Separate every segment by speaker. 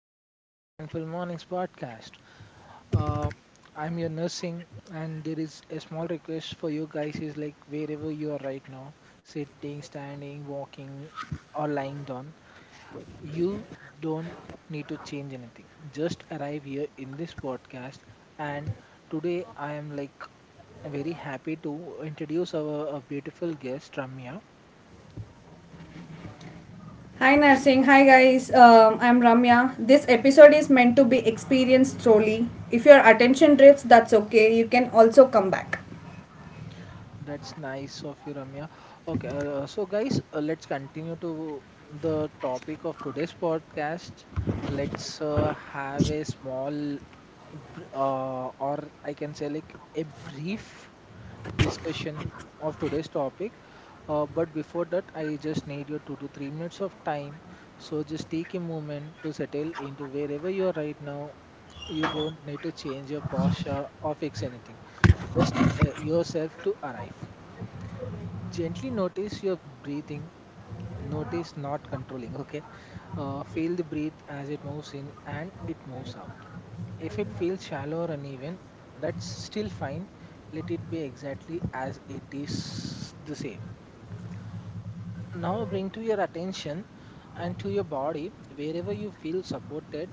Speaker 1: Welcome to the Mindful Mornings podcast. Uh, I'm your nursing, and there is a small request for you guys is like wherever you are right now, sitting, standing, walking, or lying down, you don't need to change anything. Just arrive here in this podcast. And today, I am like very happy to introduce our beautiful guest, Ramya.
Speaker 2: Hi nursing. Hi guys. I'm Ramya. This episode is meant to be experienced slowly. If your attention drifts, that's okay. You can also come back.
Speaker 1: That's nice of you, Ramya. Okay, so guys, let's continue to the topic of today's podcast. Let's have a small, or I can say like a brief discussion of today's topic. But before that, I just need your 2 to 3 minutes of time. So just take a moment to settle into wherever you are right now. You don't need to change your posture or fix anything. Just yourself to arrive. Gently notice your breathing, notice not controlling, okay? Feel the breath as it moves in and it moves out. If it feels shallow or uneven, that's still fine. Let it be exactly as it is the same. Now bring to your attention and to your body wherever you feel supported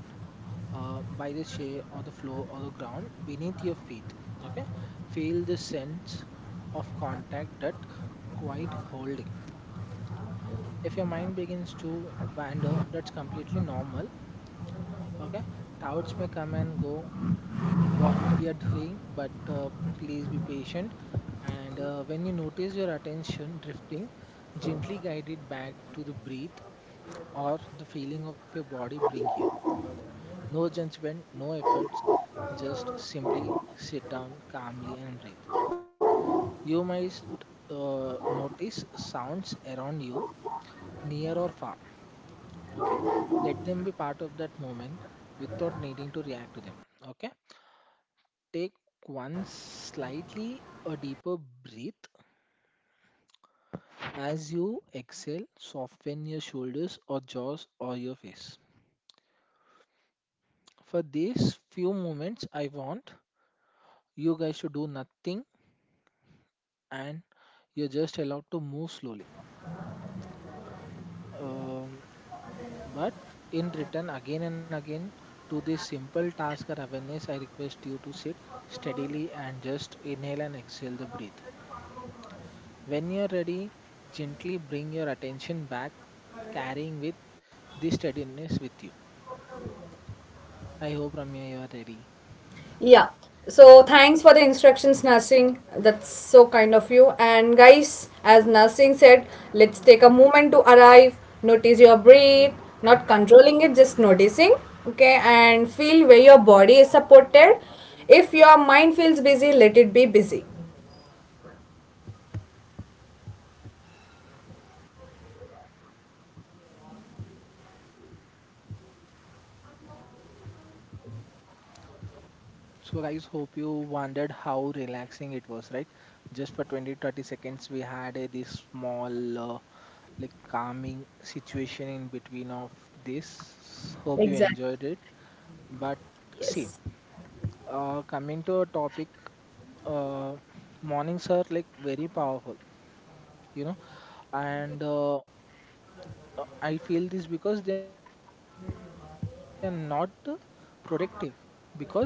Speaker 1: by the chair or the floor or the ground beneath your feet, okay? Feel the sense of contact that quite holding. If your mind begins to wander, that's completely normal. Okay, doubts may come and go. What we are doing, but please be patient. And when you notice your attention drifting, gently guide it back to the breath or the feeling of your body. Bring here no judgment, no efforts. Just simply sit down calmly and breathe. You might notice sounds around you, near or far, okay, let them be part of that moment without needing to react to them, okay. Take one slightly a deeper breath as you exhale, soften your shoulders or jaws or your face. For these few moments I want you guys to do nothing, and you're just allowed to move slowly. Um, but in return, again and again, to this simple task or awareness, I request you to sit steadily and just inhale and exhale the breath. When you're ready, gently bring your attention back, carrying with this steadiness with you. I hope Ramya you are ready.
Speaker 2: Yeah. So thanks for the instructions, nursing. That's so kind of you. And guys, as nursing said, let's take a moment to arrive. Notice your breath, not controlling it, just noticing. Okay, and feel where your body is supported. If your mind feels busy, let it be busy.
Speaker 1: So guys, hope you wondered how relaxing it was, right? Just for 20-30 seconds, we had a, this small like calming situation in between of this. Hope you
Speaker 2: Exactly.
Speaker 1: enjoyed it. But see,
Speaker 2: Yes.
Speaker 1: coming to a topic, uh, mornings are like very powerful, you know, and I feel this because they are not productive because they are impressionable.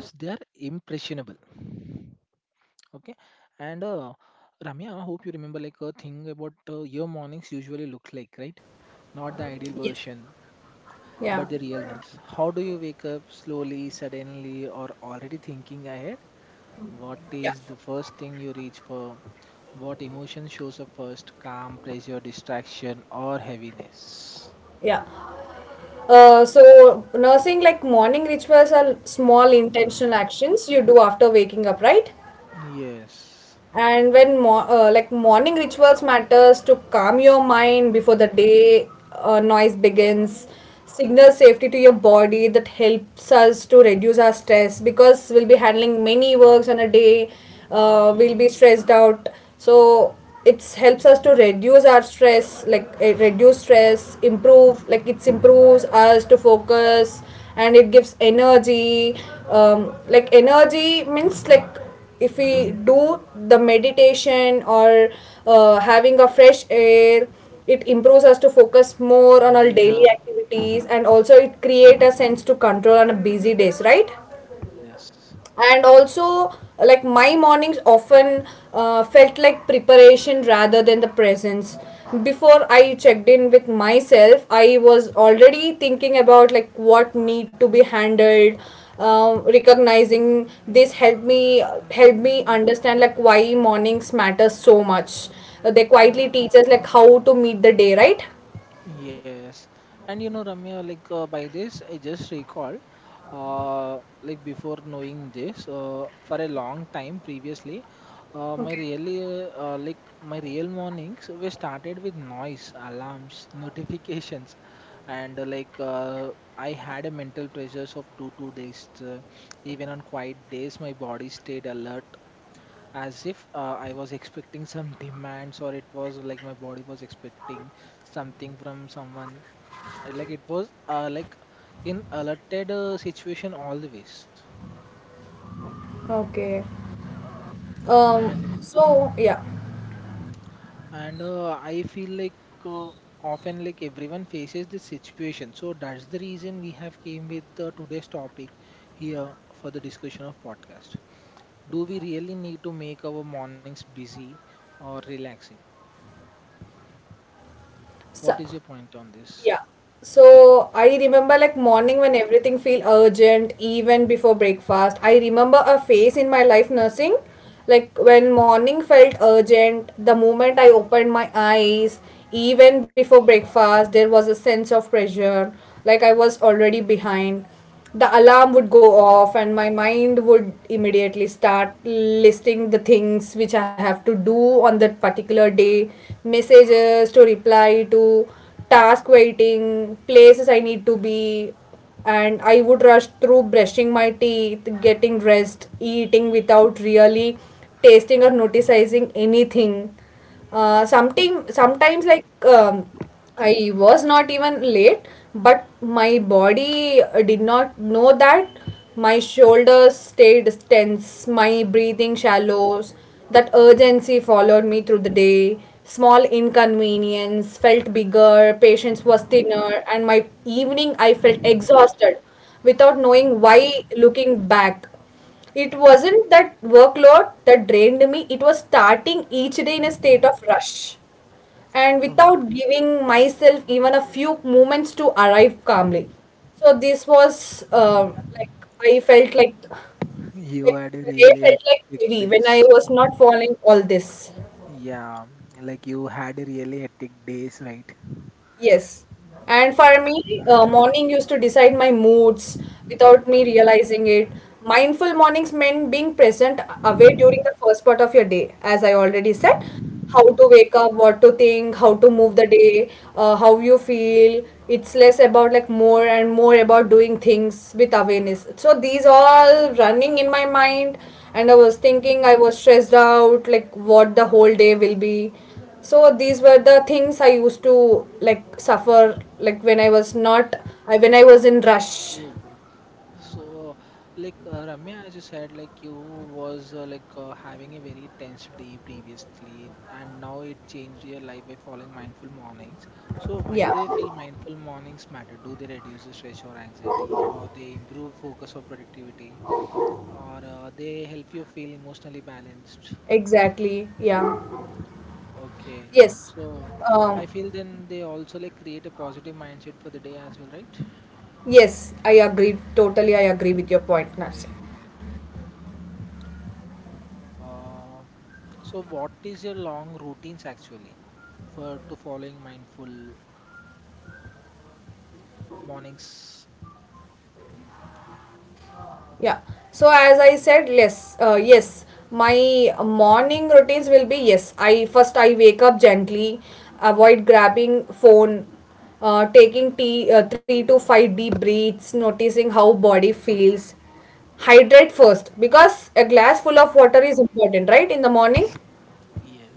Speaker 1: Okay, and Ramya, hope you remember like a thing about your mornings usually look like, right? Not the ideal
Speaker 2: Yes.
Speaker 1: version. But
Speaker 2: Yeah.
Speaker 1: the real ones. How do you wake up slowly, suddenly, or already thinking ahead? What
Speaker 2: Yeah.
Speaker 1: is the first thing you reach for? What emotion shows up first? Calm, pressure, distraction, or heaviness?
Speaker 2: Yeah. So nursing, like morning rituals are small intentional actions you do after waking up, right?
Speaker 1: Yes.
Speaker 2: And when like morning rituals matters to calm your mind before the day noise begins, signal safety to your body that helps us to reduce our stress, because we'll be handling many works on a day, we'll be stressed out. So it helps us to reduce our stress, like reduce stress, improve, like it improves us to focus, and it gives energy. Like energy means, like, if we do the meditation or having a fresh air, it improves us to focus more on our daily
Speaker 1: Yeah.
Speaker 2: activities, and also it create a sense to control on a busy days, right?
Speaker 1: Yes.
Speaker 2: And also, like, my mornings often felt like preparation rather than the presence. Before I checked in with myself, I was already thinking about like what need to be handled. Recognizing this helped me understand like why mornings matter so much. They quietly teach us like how to meet the day, right?
Speaker 1: Yes, and you know, Ramya, like by this, I just recalled, like before knowing this, for a long time previously, my really like my real mornings were started with noise, alarms, notifications, and I had a mental pressures of two days. Even on quiet days, my body stayed alert, as if I was expecting some demands, or it was like my body was expecting something from someone. Like it was like in alerted situation always.
Speaker 2: okay um
Speaker 1: and
Speaker 2: so yeah
Speaker 1: and I feel like uh, often like everyone faces this situation, so that's the reason we have came with today's topic here for the discussion of podcast. Do we really need to make our mornings busy or relaxing?
Speaker 2: so
Speaker 1: What is your point on this?
Speaker 2: Yeah. So I remember like morning when everything feel urgent, even before breakfast. I remember a phase in my life, nursing, like when morning felt urgent, the moment I opened my eyes, even before breakfast, there was a sense of pressure, like I was already behind. The alarm would go off, and my mind would immediately start listing the things which I have to do on that particular day: messages to reply to, task waiting, places I need to be. And I would rush through brushing my teeth, getting dressed, eating without really tasting or noticing anything. Something Sometimes, like, I was not even late, but my body did not know that. My shoulders stayed tense, my breathing shallows. That urgency followed me through the day. Small inconvenience felt bigger, patience was thinner, and my evening I felt exhausted without knowing why. Looking back, it wasn't that workload that drained me, it was starting each day in a state of rush and
Speaker 1: Um,
Speaker 2: without giving myself even a few moments to arrive calmly. So this was like, I felt
Speaker 1: you
Speaker 2: like
Speaker 1: had a
Speaker 2: the day
Speaker 1: really
Speaker 2: felt like
Speaker 1: hectic
Speaker 2: heavy when I
Speaker 1: days.
Speaker 2: was not following all this.
Speaker 1: Yeah. Like you had a really hectic days, right?
Speaker 2: Yes. And for me, morning used to decide my moods without me realizing it. Mindful mornings meant being present away during the first part of your day, as I already said. How to wake up, what to think, how to move the day, how you feel. It's less about like more and more about doing things with awareness. So these all running in my mind, and I was thinking I was stressed out, like what the whole day will be. So these were the things I used to, like, suffer, like when I was not, when I was in rush.
Speaker 1: Oh. So, like Ramya, as you said, like you was having a very tense day previously, and now it changed your life by following mindful mornings. So, why
Speaker 2: Yeah.
Speaker 1: do you feel mindful mornings matter? Do they reduce the stress or anxiety, or they improve focus or productivity, or they help you feel emotionally balanced?
Speaker 2: Exactly. Yeah.
Speaker 1: Okay,
Speaker 2: Yes.
Speaker 1: so I
Speaker 2: Um,
Speaker 1: feel then they also like create a positive mindset for the day as well, right?
Speaker 2: yes, I agree totally I
Speaker 1: Mm.
Speaker 2: agree with your point, Nancy.
Speaker 1: Great, great, great. Uh, So, what is your long routines actually for to following mindful mornings?
Speaker 2: Yeah. So as I said, yes, my morning routines will be, yes. I first I wake up gently, avoid grabbing phone, taking tea, 3 to 5 deep breaths, noticing how body feels. Hydrate first, because a glass full of water is important, right? In the morning,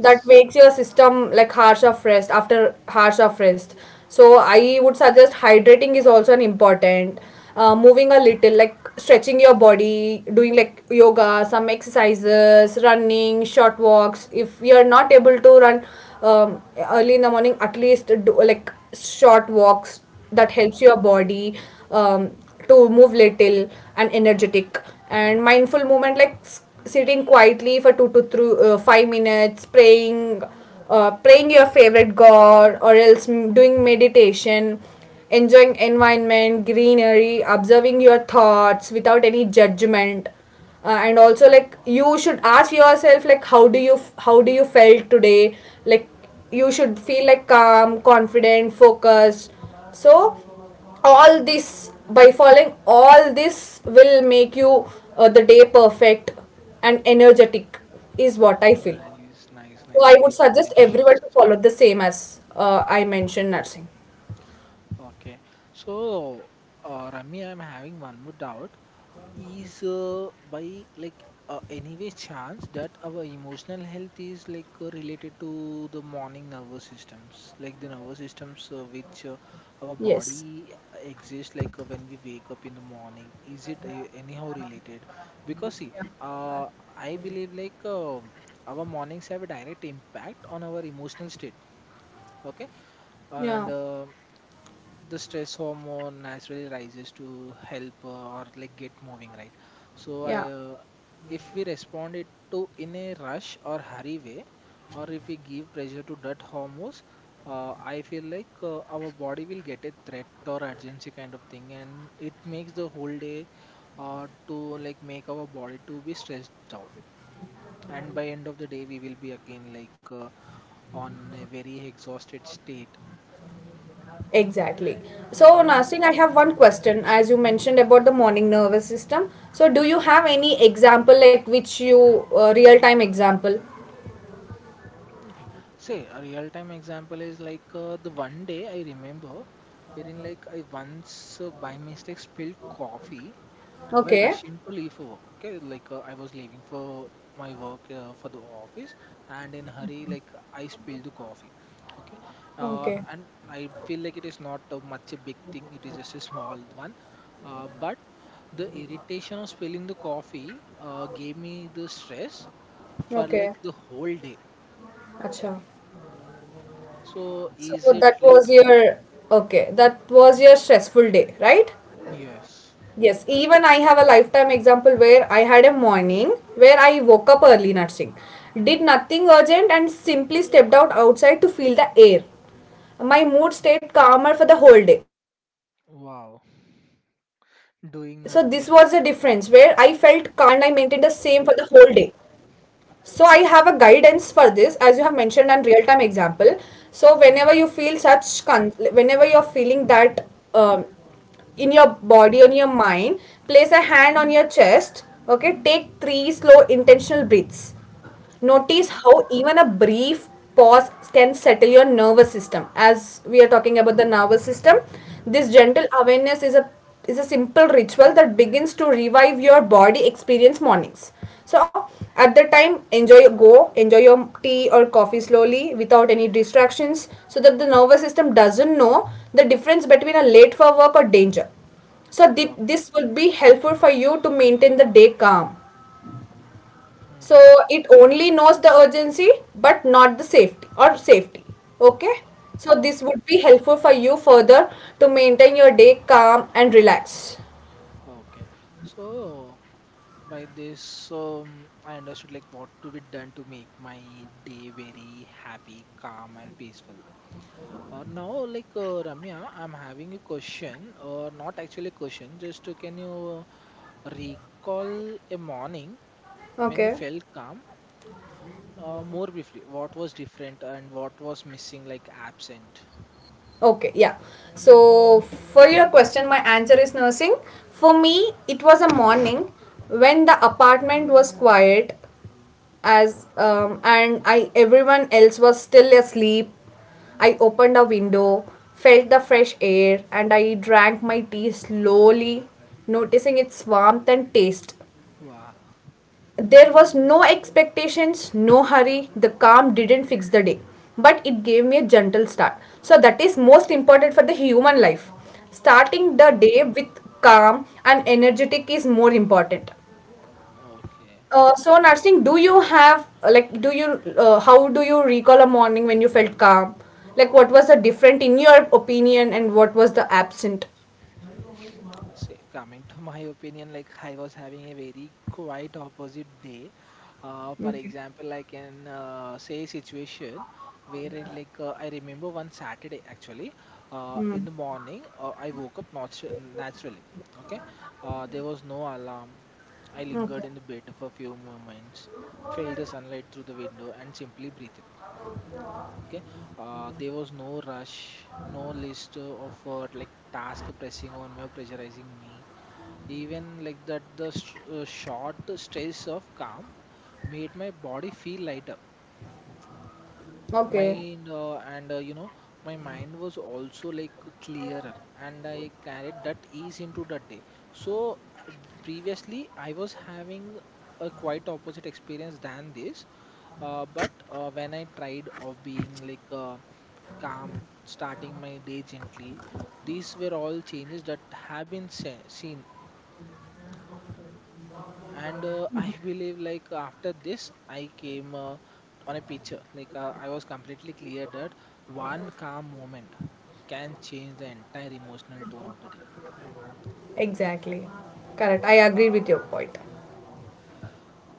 Speaker 2: that makes your system like hours of rest. So I would suggest hydrating is also an important. Uh, moving a little, like stretching your body, doing like yoga, some exercises, running, short walks. If you're not able to run um, early in the morning, at least do like short walks. That helps your body, um, to move little and
Speaker 1: Mhm.
Speaker 2: energetic. And mindful movement, like sitting quietly for two to three, 5 minutes, praying, praying your favorite god, or else doing meditation, enjoying environment, greenery, observing your thoughts without any judgment. And also, like, you should ask yourself, like, how do you felt today. Like, you should feel, like, calm, confident, focused. So all this, by following all this, will make you, the day perfect and energetic, is what I feel.
Speaker 1: Nice, nice,
Speaker 2: So
Speaker 1: nice.
Speaker 2: I would
Speaker 1: Great
Speaker 2: suggest everyone
Speaker 1: suggestions.
Speaker 2: to follow the same as I mentioned, nursing.
Speaker 1: Okay. So, Rami, I'm having one more doubt. Is by like anyway chance that our emotional health is like related to the morning nervous systems, like the nervous systems which our
Speaker 2: Yes.
Speaker 1: body exists like when we wake up in the morning, is it anyhow related? Because see, uh, I believe like our mornings have a direct impact on our emotional state, okay? and
Speaker 2: Yeah.
Speaker 1: uh, the stress hormone naturally rises to help or like get moving, right? so i
Speaker 2: Yeah.
Speaker 1: uh, if we respond it to in a rush or hurry way, or if we give pressure to that hormones, I feel like our body will get a threat or urgency kind of thing, and it makes the whole day to like make our body to be stressed out, and by end of the day we will be again like on a very exhausted state.
Speaker 2: Exactly. So
Speaker 1: Yeah.
Speaker 2: nursing, I have one question. As you mentioned about the morning nervous system, so do you have any example like which you, real time example?
Speaker 1: Okay. Say a real time example is like the one day I remember wherein like I once by mistake spilled coffee while
Speaker 2: Okay.
Speaker 1: rushing to leave for work. Okay, like I was leaving for my work for the office, and in hurry like I spilled the coffee. Okay,
Speaker 2: Okay.
Speaker 1: and I feel like it is not much a big thing. It is just a small one, but the irritation of spilling the coffee gave me the stress for
Speaker 2: Okay.
Speaker 1: like the whole day.
Speaker 2: Acha.
Speaker 1: So
Speaker 2: So
Speaker 1: is it
Speaker 2: that
Speaker 1: like.
Speaker 2: was your, okay, that was your stressful day, right?
Speaker 1: Yes.
Speaker 2: Yes, even I have a lifetime example where I had a morning where I woke up early, nursing, did nothing urgent, and simply stepped out outside to feel the air. My mood stayed calmer for the whole day. So this was the difference
Speaker 1: Wow.
Speaker 2: where I felt calm,
Speaker 1: Doing
Speaker 2: and I
Speaker 1: nothing.
Speaker 2: maintained the same for the whole day. So I have a guidance for this, as you have mentioned, and real-time example. So whenever you feel
Speaker 1: Mhm.
Speaker 2: such, whenever you're feeling that, um, in your body, on your mind, place a hand on your chest. Okay, take three slow intentional breaths. Notice
Speaker 1: Okay?
Speaker 2: how even a brief pause can settle your nervous system. As we are talking about the nervous system, this
Speaker 1: Hmm.
Speaker 2: gentle awareness is a simple ritual that begins to revive your body experience mornings. So at the time, enjoy your tea or coffee slowly without any distractions, so that the nervous system doesn't know the difference between a late for work or danger. So
Speaker 1: Okay.
Speaker 2: this will be helpful for you to maintain the day calm. So
Speaker 1: Mhm.
Speaker 2: it only knows the urgency, but not the safety or safety. Okay. So this
Speaker 1: Okay,
Speaker 2: would be helpful for you further to maintain your day calm and relaxed.
Speaker 1: okay. So by this, I understood like what to be done to make my day very happy, calm, and peaceful. Now, like Ramya, I'm having a question, or not actually a question. Just can you recall a morning when you
Speaker 2: Okay.
Speaker 1: felt calm? More briefly, what was different and what was missing, like absent?
Speaker 2: Okay, yeah. So, for your question, my answer is, nursing. For me, it was a morning when the apartment was quiet, as and I, everyone else was still asleep. I opened a window, felt the fresh air, and I drank my tea slowly, noticing its warmth and taste.
Speaker 1: Wow.
Speaker 2: There was no expectations, no hurry. The calm didn't fix the day, but it gave me a gentle start. So that is most important for the human life. Starting the
Speaker 1: Okay.
Speaker 2: day with calm and energetic is more important.
Speaker 1: Okay.
Speaker 2: So Narsing, do you have like do you how do you recall a morning when you felt calm? Like what was the different in your opinion, and what was the absent?
Speaker 1: So, coming to my opinion, like I was having a very quite opposite day. For
Speaker 2: Okay.
Speaker 1: example, I can say a situation where it, like I remember one Saturday actually in
Speaker 2: Hmm.
Speaker 1: the morning I woke up naturally. Okay, there was no alarm. I
Speaker 2: Okay.
Speaker 1: lingered in the bed for a few moments, felt the sunlight through the window, and simply breathed. Okay, there was no rush, no list of like task pressing on me or pressurizing me. Even like that, the short stress of calm made my body feel lighter,
Speaker 2: Okay.
Speaker 1: mind and you know, my mind was also like clearer, and I carried that ease into that day. So previously I was having a quite opposite experience than this. But when I tried of being like calm, starting my day gently, these were all changes that have been seen. And I believe like after this I came on a picture like I was completely clear that one calm moment can change the entire emotional tone of the day.
Speaker 2: Exactly. Correct. I agree with your point.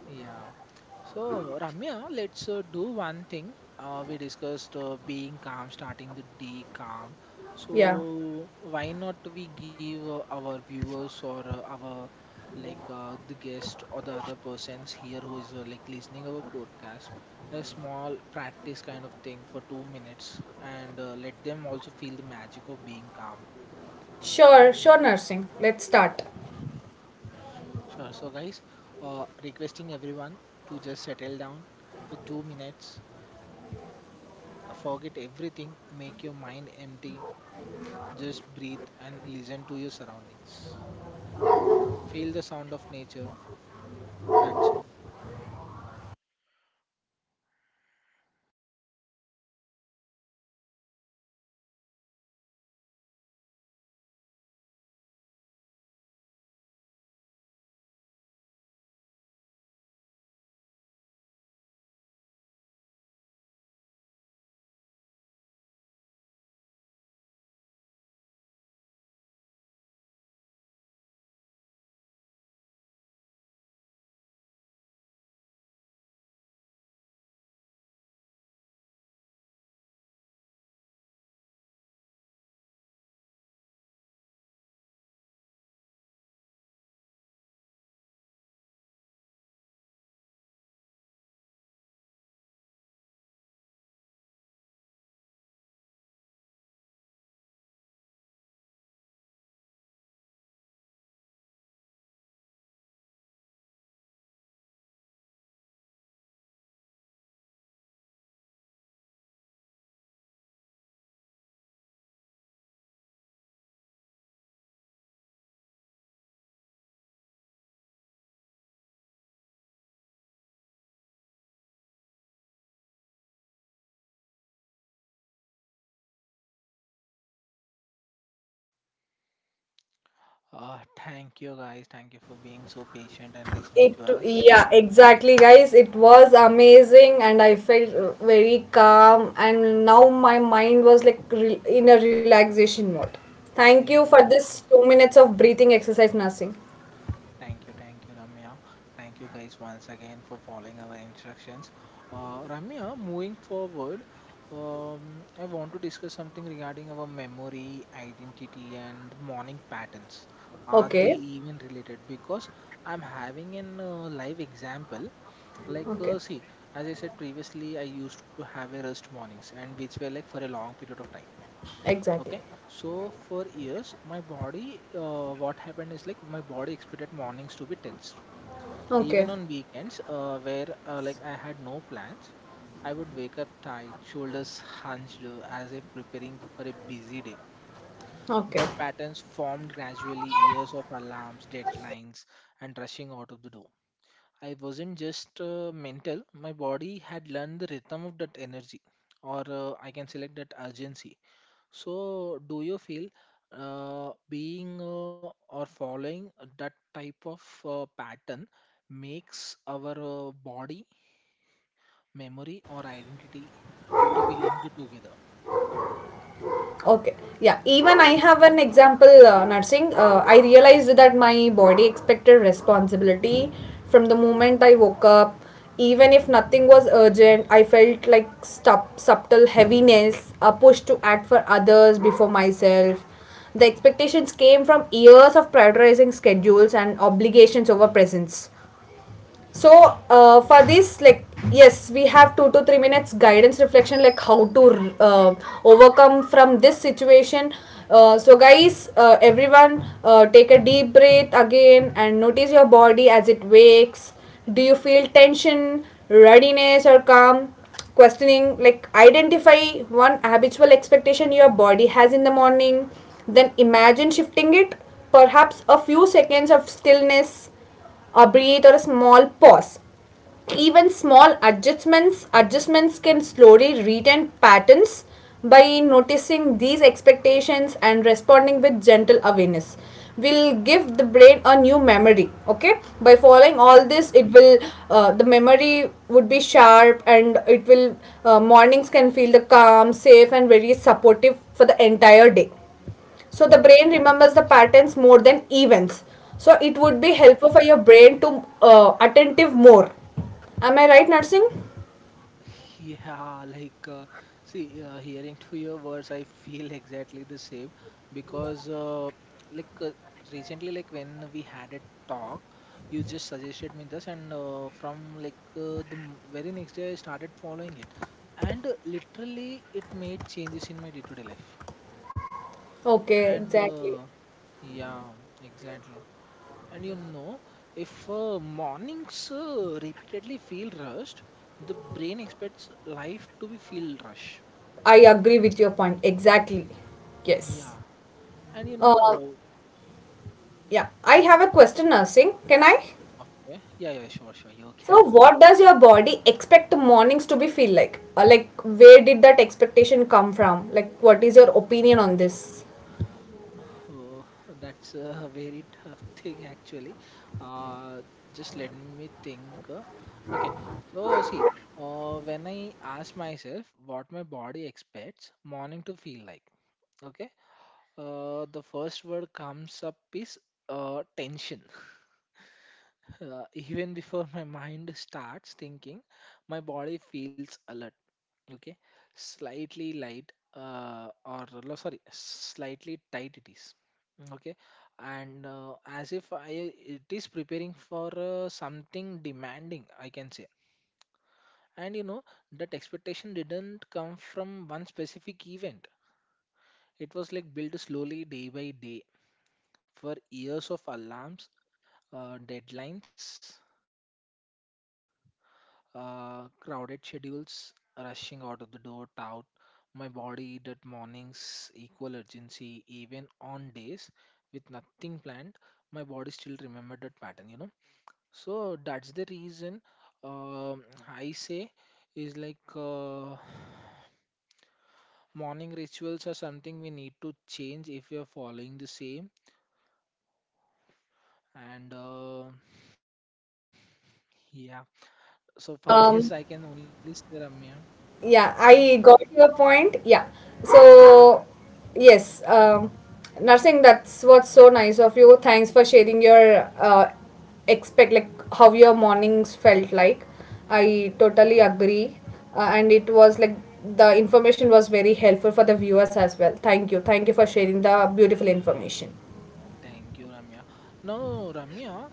Speaker 1: Yeah. So, Ramya, let's do one thing. We discussed being calm, starting the day calm.
Speaker 2: Yeah.
Speaker 1: So, why not we give our viewers or our like the guest or the other persons here who is like listening our podcast a small practice kind of thing for 2 minutes, and let them also feel the magic of being calm.
Speaker 2: Sure, sure, nursing. Let's start.
Speaker 1: Sure. So, guys, requesting everyone to just settle down for 2 minutes, forget everything, make your mind empty, just breathe and listen to your surroundings. Feel the sound of nature. That's it. Thank you guys. Thank you for being so patient and listening
Speaker 2: It,
Speaker 1: to us.
Speaker 2: yeah, exactly, guys. It was amazing, and I felt very calm. And now my mind was like in a relaxation mode. Thank you for
Speaker 1: Exactly.
Speaker 2: this 2 minutes of breathing exercise, nursing.
Speaker 1: Thank you, Ramya. Thank you guys once again for following our instructions. Ramya, moving forward, I want to discuss something regarding our memory, identity, and morning patterns. Are they
Speaker 2: Okay,
Speaker 1: even related? Because I'm having an live example. Like,
Speaker 2: okay,
Speaker 1: see, as I said previously, I used to have a rest mornings, and which were like for a long period of time. Okay,
Speaker 2: exactly.
Speaker 1: so for years, my body, what happened is like my body expected mornings to be tense even
Speaker 2: Okay,
Speaker 1: on weekends, where like I had no plans, I would wake up tight, shoulders hunched as if preparing for a busy day.
Speaker 2: okay.
Speaker 1: That patterns formed gradually, years of alarms, deadlines, and rushing out of the door. I wasn't just mental, my body had learned the rhythm of that energy, or I can select that urgency. So, do you feel being or following that type of pattern makes our body, memory, or identity to be linked together?
Speaker 2: Okay. Yeah. Even I have an example, nursing. I realized that my body expected responsibility from the moment I woke up. Even if nothing was urgent, I felt like subtle heaviness, a push to act for others before myself. The expectations came from years of prioritizing schedules and obligations over presence. So for this, like, yes, we have 2 to 3 minutes guidance reflection, like how to overcome from this situation. So guys, everyone, take a deep breath again and notice your body as it wakes. Do you feel tension, readiness, or calm? Questioning, like, identify one habitual expectation your body has in the morning, then imagine shifting it. Perhaps a few seconds of stillness operate, or a small pause. Even small adjustments can slowly retain patterns. By noticing these expectations and responding with gentle awareness will give the brain a new memory, okay? By following all
Speaker 1: Oh
Speaker 2: this, it will, the memory would be sharp, and it will, mornings can feel the calm, safe, and very supportive for the entire day. So the
Speaker 1: oh my
Speaker 2: brain remembers the patterns more than events. So it would be
Speaker 1: God.
Speaker 2: helpful for your brain to attentive more. Am I right, Nursing?
Speaker 1: Yeah, like, see, hearing to your words, I feel exactly the same because, like, recently, like, when we had a talk, you just suggested me this, and from very next day, I started following it, and literally, it made changes in my day-to-day life.
Speaker 2: Okay,
Speaker 1: And
Speaker 2: exactly.
Speaker 1: yeah, exactly. And you know, if mornings repeatedly feel rushed, the brain expects life to be feel rush.
Speaker 2: I agree with your point. Exactly. Yes.
Speaker 1: Yeah. And you
Speaker 2: Uh,
Speaker 1: know,
Speaker 2: yeah. I have a question, Nursing. Can I?
Speaker 1: okay. Yeah, yeah, sure, sure. You
Speaker 2: So
Speaker 1: can.
Speaker 2: what does your body expect the mornings to be feel like? Or, like, where did that expectation come from? Like, what is your opinion on this?
Speaker 1: Oh, that's a very tough thing, actually. Uh, just let me think. Okay. So, see, when I ask myself what my body expects morning to feel like, okay, the first word comes up is tension even before my mind starts thinking, my body feels alert. Okay, slightly light, or no, sorry, slightly tight it is. Mm, okay, and as if I it is preparing for something demanding, I can say. And you know that expectation didn't come from one specific event. It was like built slowly, day by day, for years of alarms, deadlines, crowded schedules, rushing out of the door, tout my body that morning's equal urgency, even on days with nothing planned, my body still remembered that pattern, you know. So that's the reason um I say is like morning rituals are something we need to change if we are following the same and yeah. So for this, I can
Speaker 2: Um,
Speaker 1: only say Ramya.
Speaker 2: Yeah, I got your point. Yeah. So, yes, nursing, that's what's so nice of you. Thanks for sharing your like how your mornings felt like. I totally agree. And it was like the information was very helpful for the viewers as well. Thank you. Thank you for sharing the beautiful information.
Speaker 1: And thank you, Ramya. Now, Ramya,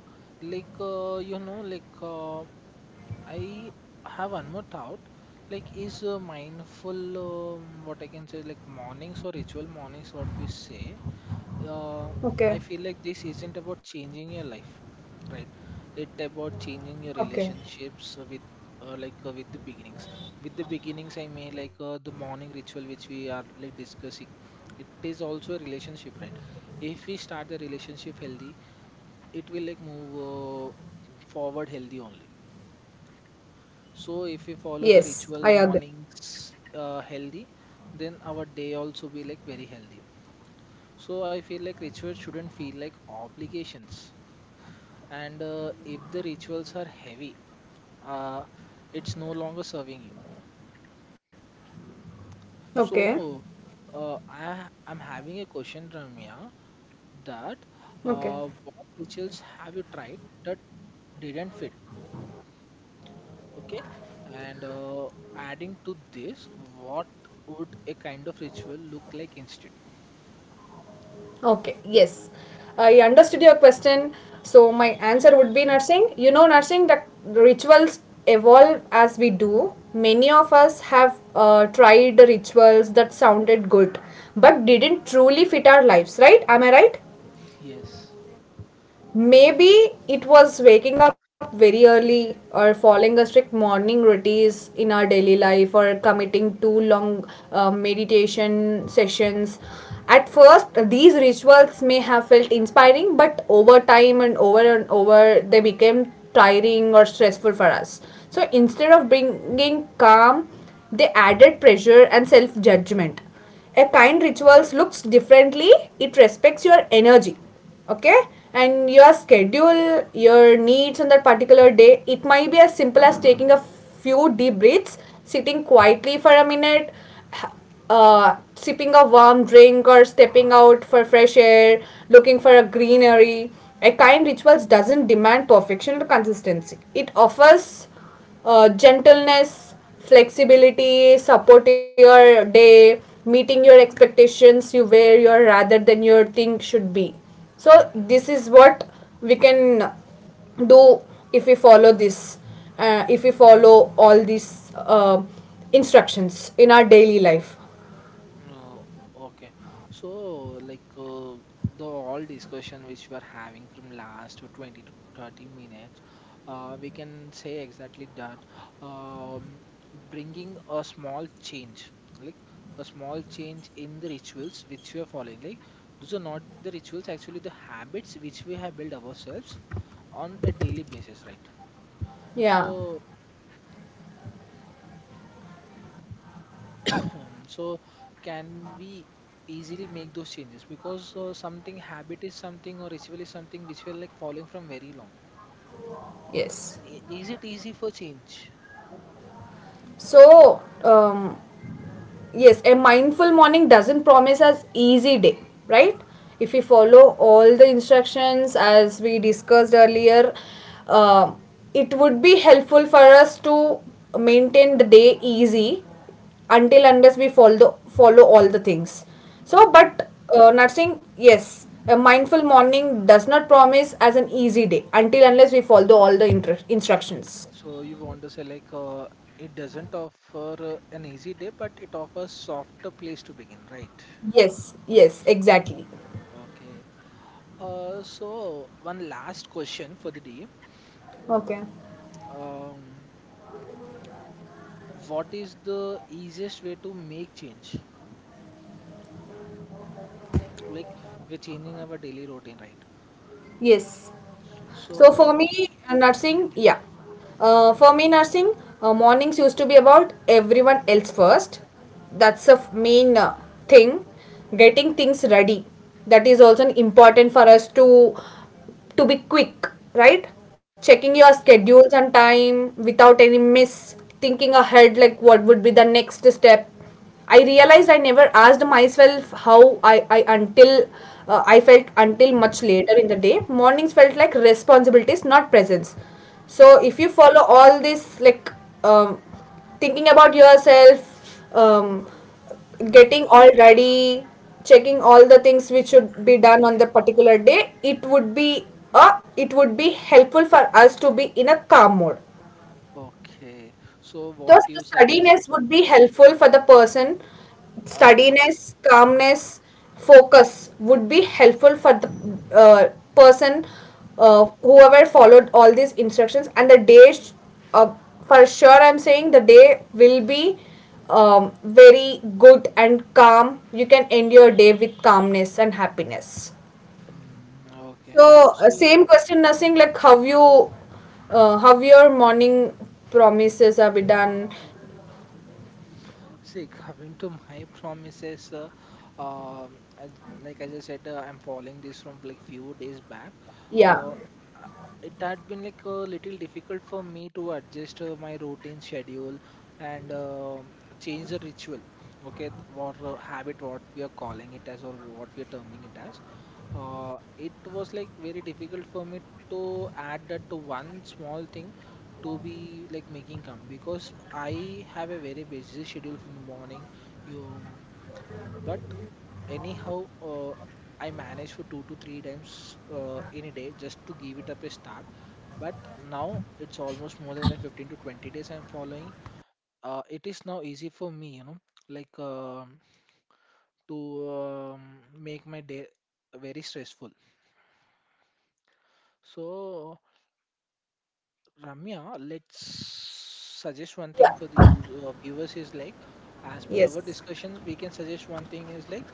Speaker 1: you know, I have one more thought. Like, is mindful what I can say, like mornings or ritual mornings, what we say uh,
Speaker 2: Okay.
Speaker 1: I feel like this isn't about changing your life, right? It about changing
Speaker 2: Okay.
Speaker 1: your relationships with with the beginnings. With the beginnings, I mean the morning ritual which we are like discussing. It is also a relationship, right? If we start the relationship healthy, it will like move forward healthy only. So if we follow the
Speaker 2: Yes, I
Speaker 1: ritual
Speaker 2: agree.
Speaker 1: mornings healthy, then our day also be like very healthy. So I feel like rituals shouldn't feel like obligations. And if the rituals are heavy uh, it's no longer serving you.
Speaker 2: Okay.
Speaker 1: So I'm having a question, Ramya, that
Speaker 2: Okay.
Speaker 1: what rituals have you tried that didn't fit, okay, and adding to this, what would a kind of ritual look like instead?
Speaker 2: Okay, yes. I understood your question. So my answer would be nursing. Nursing that rituals evolve as we do. Many of us have tried the rituals that sounded good but didn't truly fit our lives, right? Am I right?
Speaker 1: Yes.
Speaker 2: Maybe it was waking up very early or following a strict morning routines in our daily life or committing to long meditation sessions. At first, these rituals may have felt inspiring, but over time and over, they became tiring or stressful for us. So instead of bringing calm, they added pressure and self judgment. A kind rituals looks differently. It respects your energy, okay, and your schedule, your needs on that particular day. It might be as simple as taking a few deep breaths, sitting quietly for a minute, h- sipping a warm drink or stepping out for fresh air, looking for a greenery. A kind rituals doesn't demand perfection or consistency. It offers gentleness, flexibility, support your day, meeting your expectations, you where your rather than your thing should be. So this is what we can do if we follow this, if we follow all these instructions in our daily life.
Speaker 1: Oh, okay. So, like uh, the all discussion which we are having from last to 20 to 30 minutes, we can say exactly that um, bringing a small change, like a small change in the rituals which we are following. Like those are not the rituals, actually the habits which we have built ourselves on a daily basis, right? So
Speaker 2: Yeah.
Speaker 1: So can we easily make those changes? Because something habit is something or ritual is something which we are like following from very long.
Speaker 2: Yes.
Speaker 1: Is it easy for change?
Speaker 2: So, yes, a mindful morning doesn't promise us easy day, right? If we follow all the instructions as we discussed earlier, uh, it would be helpful for us to maintain the day easy until unless we follow all the things. So, but
Speaker 1: Mm.
Speaker 2: nursing, yes, a mindful morning does not promise as an easy day until unless we follow all the instructions.
Speaker 1: So you want to say like it doesn't offer an easy day, but it offers softer place to begin, right?
Speaker 2: Yes, yes, exactly.
Speaker 1: Okay. So one last question for the day.
Speaker 2: Okay.
Speaker 1: Um, what is the easiest way to make change? Like we're changing our daily routine, right?
Speaker 2: Yes. So for
Speaker 1: So
Speaker 2: me, nursing, yeah. For me, nursing, mornings used to be about everyone else first. That's the main thing. Getting things ready. That is also an important for us to be quick, right? Checking your
Speaker 1: yes.
Speaker 2: schedules and time without any miss. Thinking ahead, like what would be the next step. I realized I never asked myself how I until I felt until much later in the day. Mornings felt like responsibilities, not presence. So if
Speaker 1: Mm,
Speaker 2: you follow all this, like um, thinking about yourself, um, getting
Speaker 1: mhm.
Speaker 2: all ready, checking all the things which should be done on the particular day, it would be a it would be helpful for us to be in a calm mode.
Speaker 1: Okay. So what
Speaker 2: Thus, the
Speaker 1: you suggest?
Speaker 2: steadiness would be helpful for the person.
Speaker 1: Uh-huh.
Speaker 2: Steadiness,
Speaker 1: Good.
Speaker 2: calmness, focus would be helpful for the uh, person whoever followed all these instructions. And the day, uh, for sure, I'm saying the day will be very good and calm. You can end your day with calmness and happiness.
Speaker 1: Mm, okay.
Speaker 2: So, same
Speaker 1: So
Speaker 2: question, nothing like how you, how your morning promises are be done.
Speaker 1: see, coming to my promises, um, I, like as I said, I'm following this from like few days back.
Speaker 2: Yeah.
Speaker 1: Uh, uh, it had been like a little difficult for me to adjust my routine schedule and change the ritual. Okay, what habit, what we are calling it as, or what we are terming it as it was like very difficult for me to add that to one small thing to be like making come because I have a very busy schedule from the morning. You, but anyhow, I manage for two to three times in a day just to give it up a start. But now it's almost more than 15 to 20 days I'm following. It is now easy for me, you know, like um to um, make my day very stressful. So Ramya, let's suggest one thing
Speaker 2: Yeah.
Speaker 1: for the users, viewers is like, as per our
Speaker 2: Yes.
Speaker 1: discussions, we can suggest one thing is like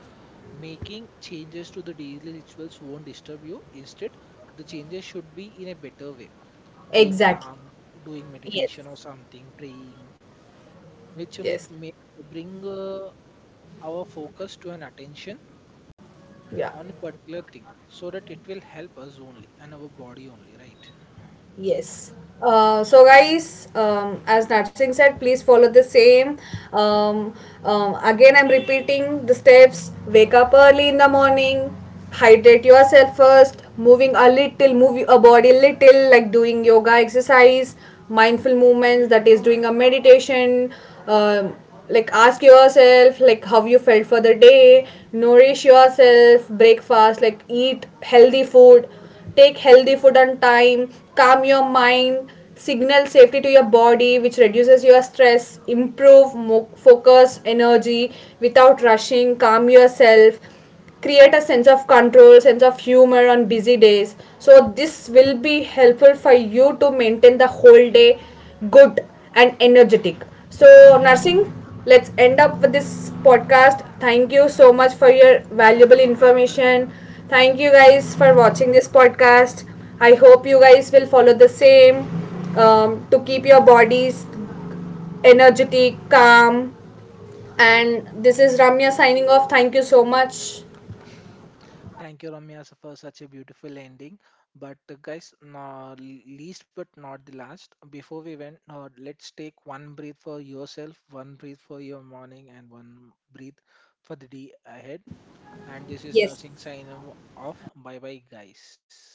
Speaker 1: making changes to the daily rituals won't disturb you. Instead, the changes should be in a better way, being
Speaker 2: Exactly.
Speaker 1: calm, doing
Speaker 2: Yes.
Speaker 1: meditation or something, praying, which will
Speaker 2: Yes.
Speaker 1: like may bring our focus to an attention
Speaker 2: Yeah.
Speaker 1: on a particular thing, so that it will help us only and our body only, right?
Speaker 2: Yes. Uh,
Speaker 1: S-
Speaker 2: so guys, as Narsing said, please follow the same. Um, again, I'm repeating the steps. Wake up early in the morning. Hydrate yourself first. Moving a little, move your body little, like doing yoga exercise, mindful movements. That is doing a meditation. Um, like ask yourself like how you felt for the day. Nourish yourself. Breakfast like eat healthy food, take healthy food on time, calm your mind, signal safety to your body which reduces your stress, improve focus energy without rushing, calm yourself, create a sense of control, sense of humor on busy days. So this will be helpful for you to maintain the whole day good and energetic. So nursing, let's end up with this podcast. Thank you so much for your valuable information. Thank you
Speaker 1: Mm,
Speaker 2: guys for
Speaker 1: yeah.
Speaker 2: watching this podcast. I hope you guys will follow the same, to keep your bodies energetic, calm. And this is Ramya signing off. Thank you so much.
Speaker 1: Thank you, Ramya, for such a beautiful ending. But guys, no, least but not the last, before we went, let's take one breath for yourself, one breath for your morning, and one breath for the day ahead. And this is
Speaker 2: Yes.
Speaker 1: Nursing Sign off. Bye bye, guys.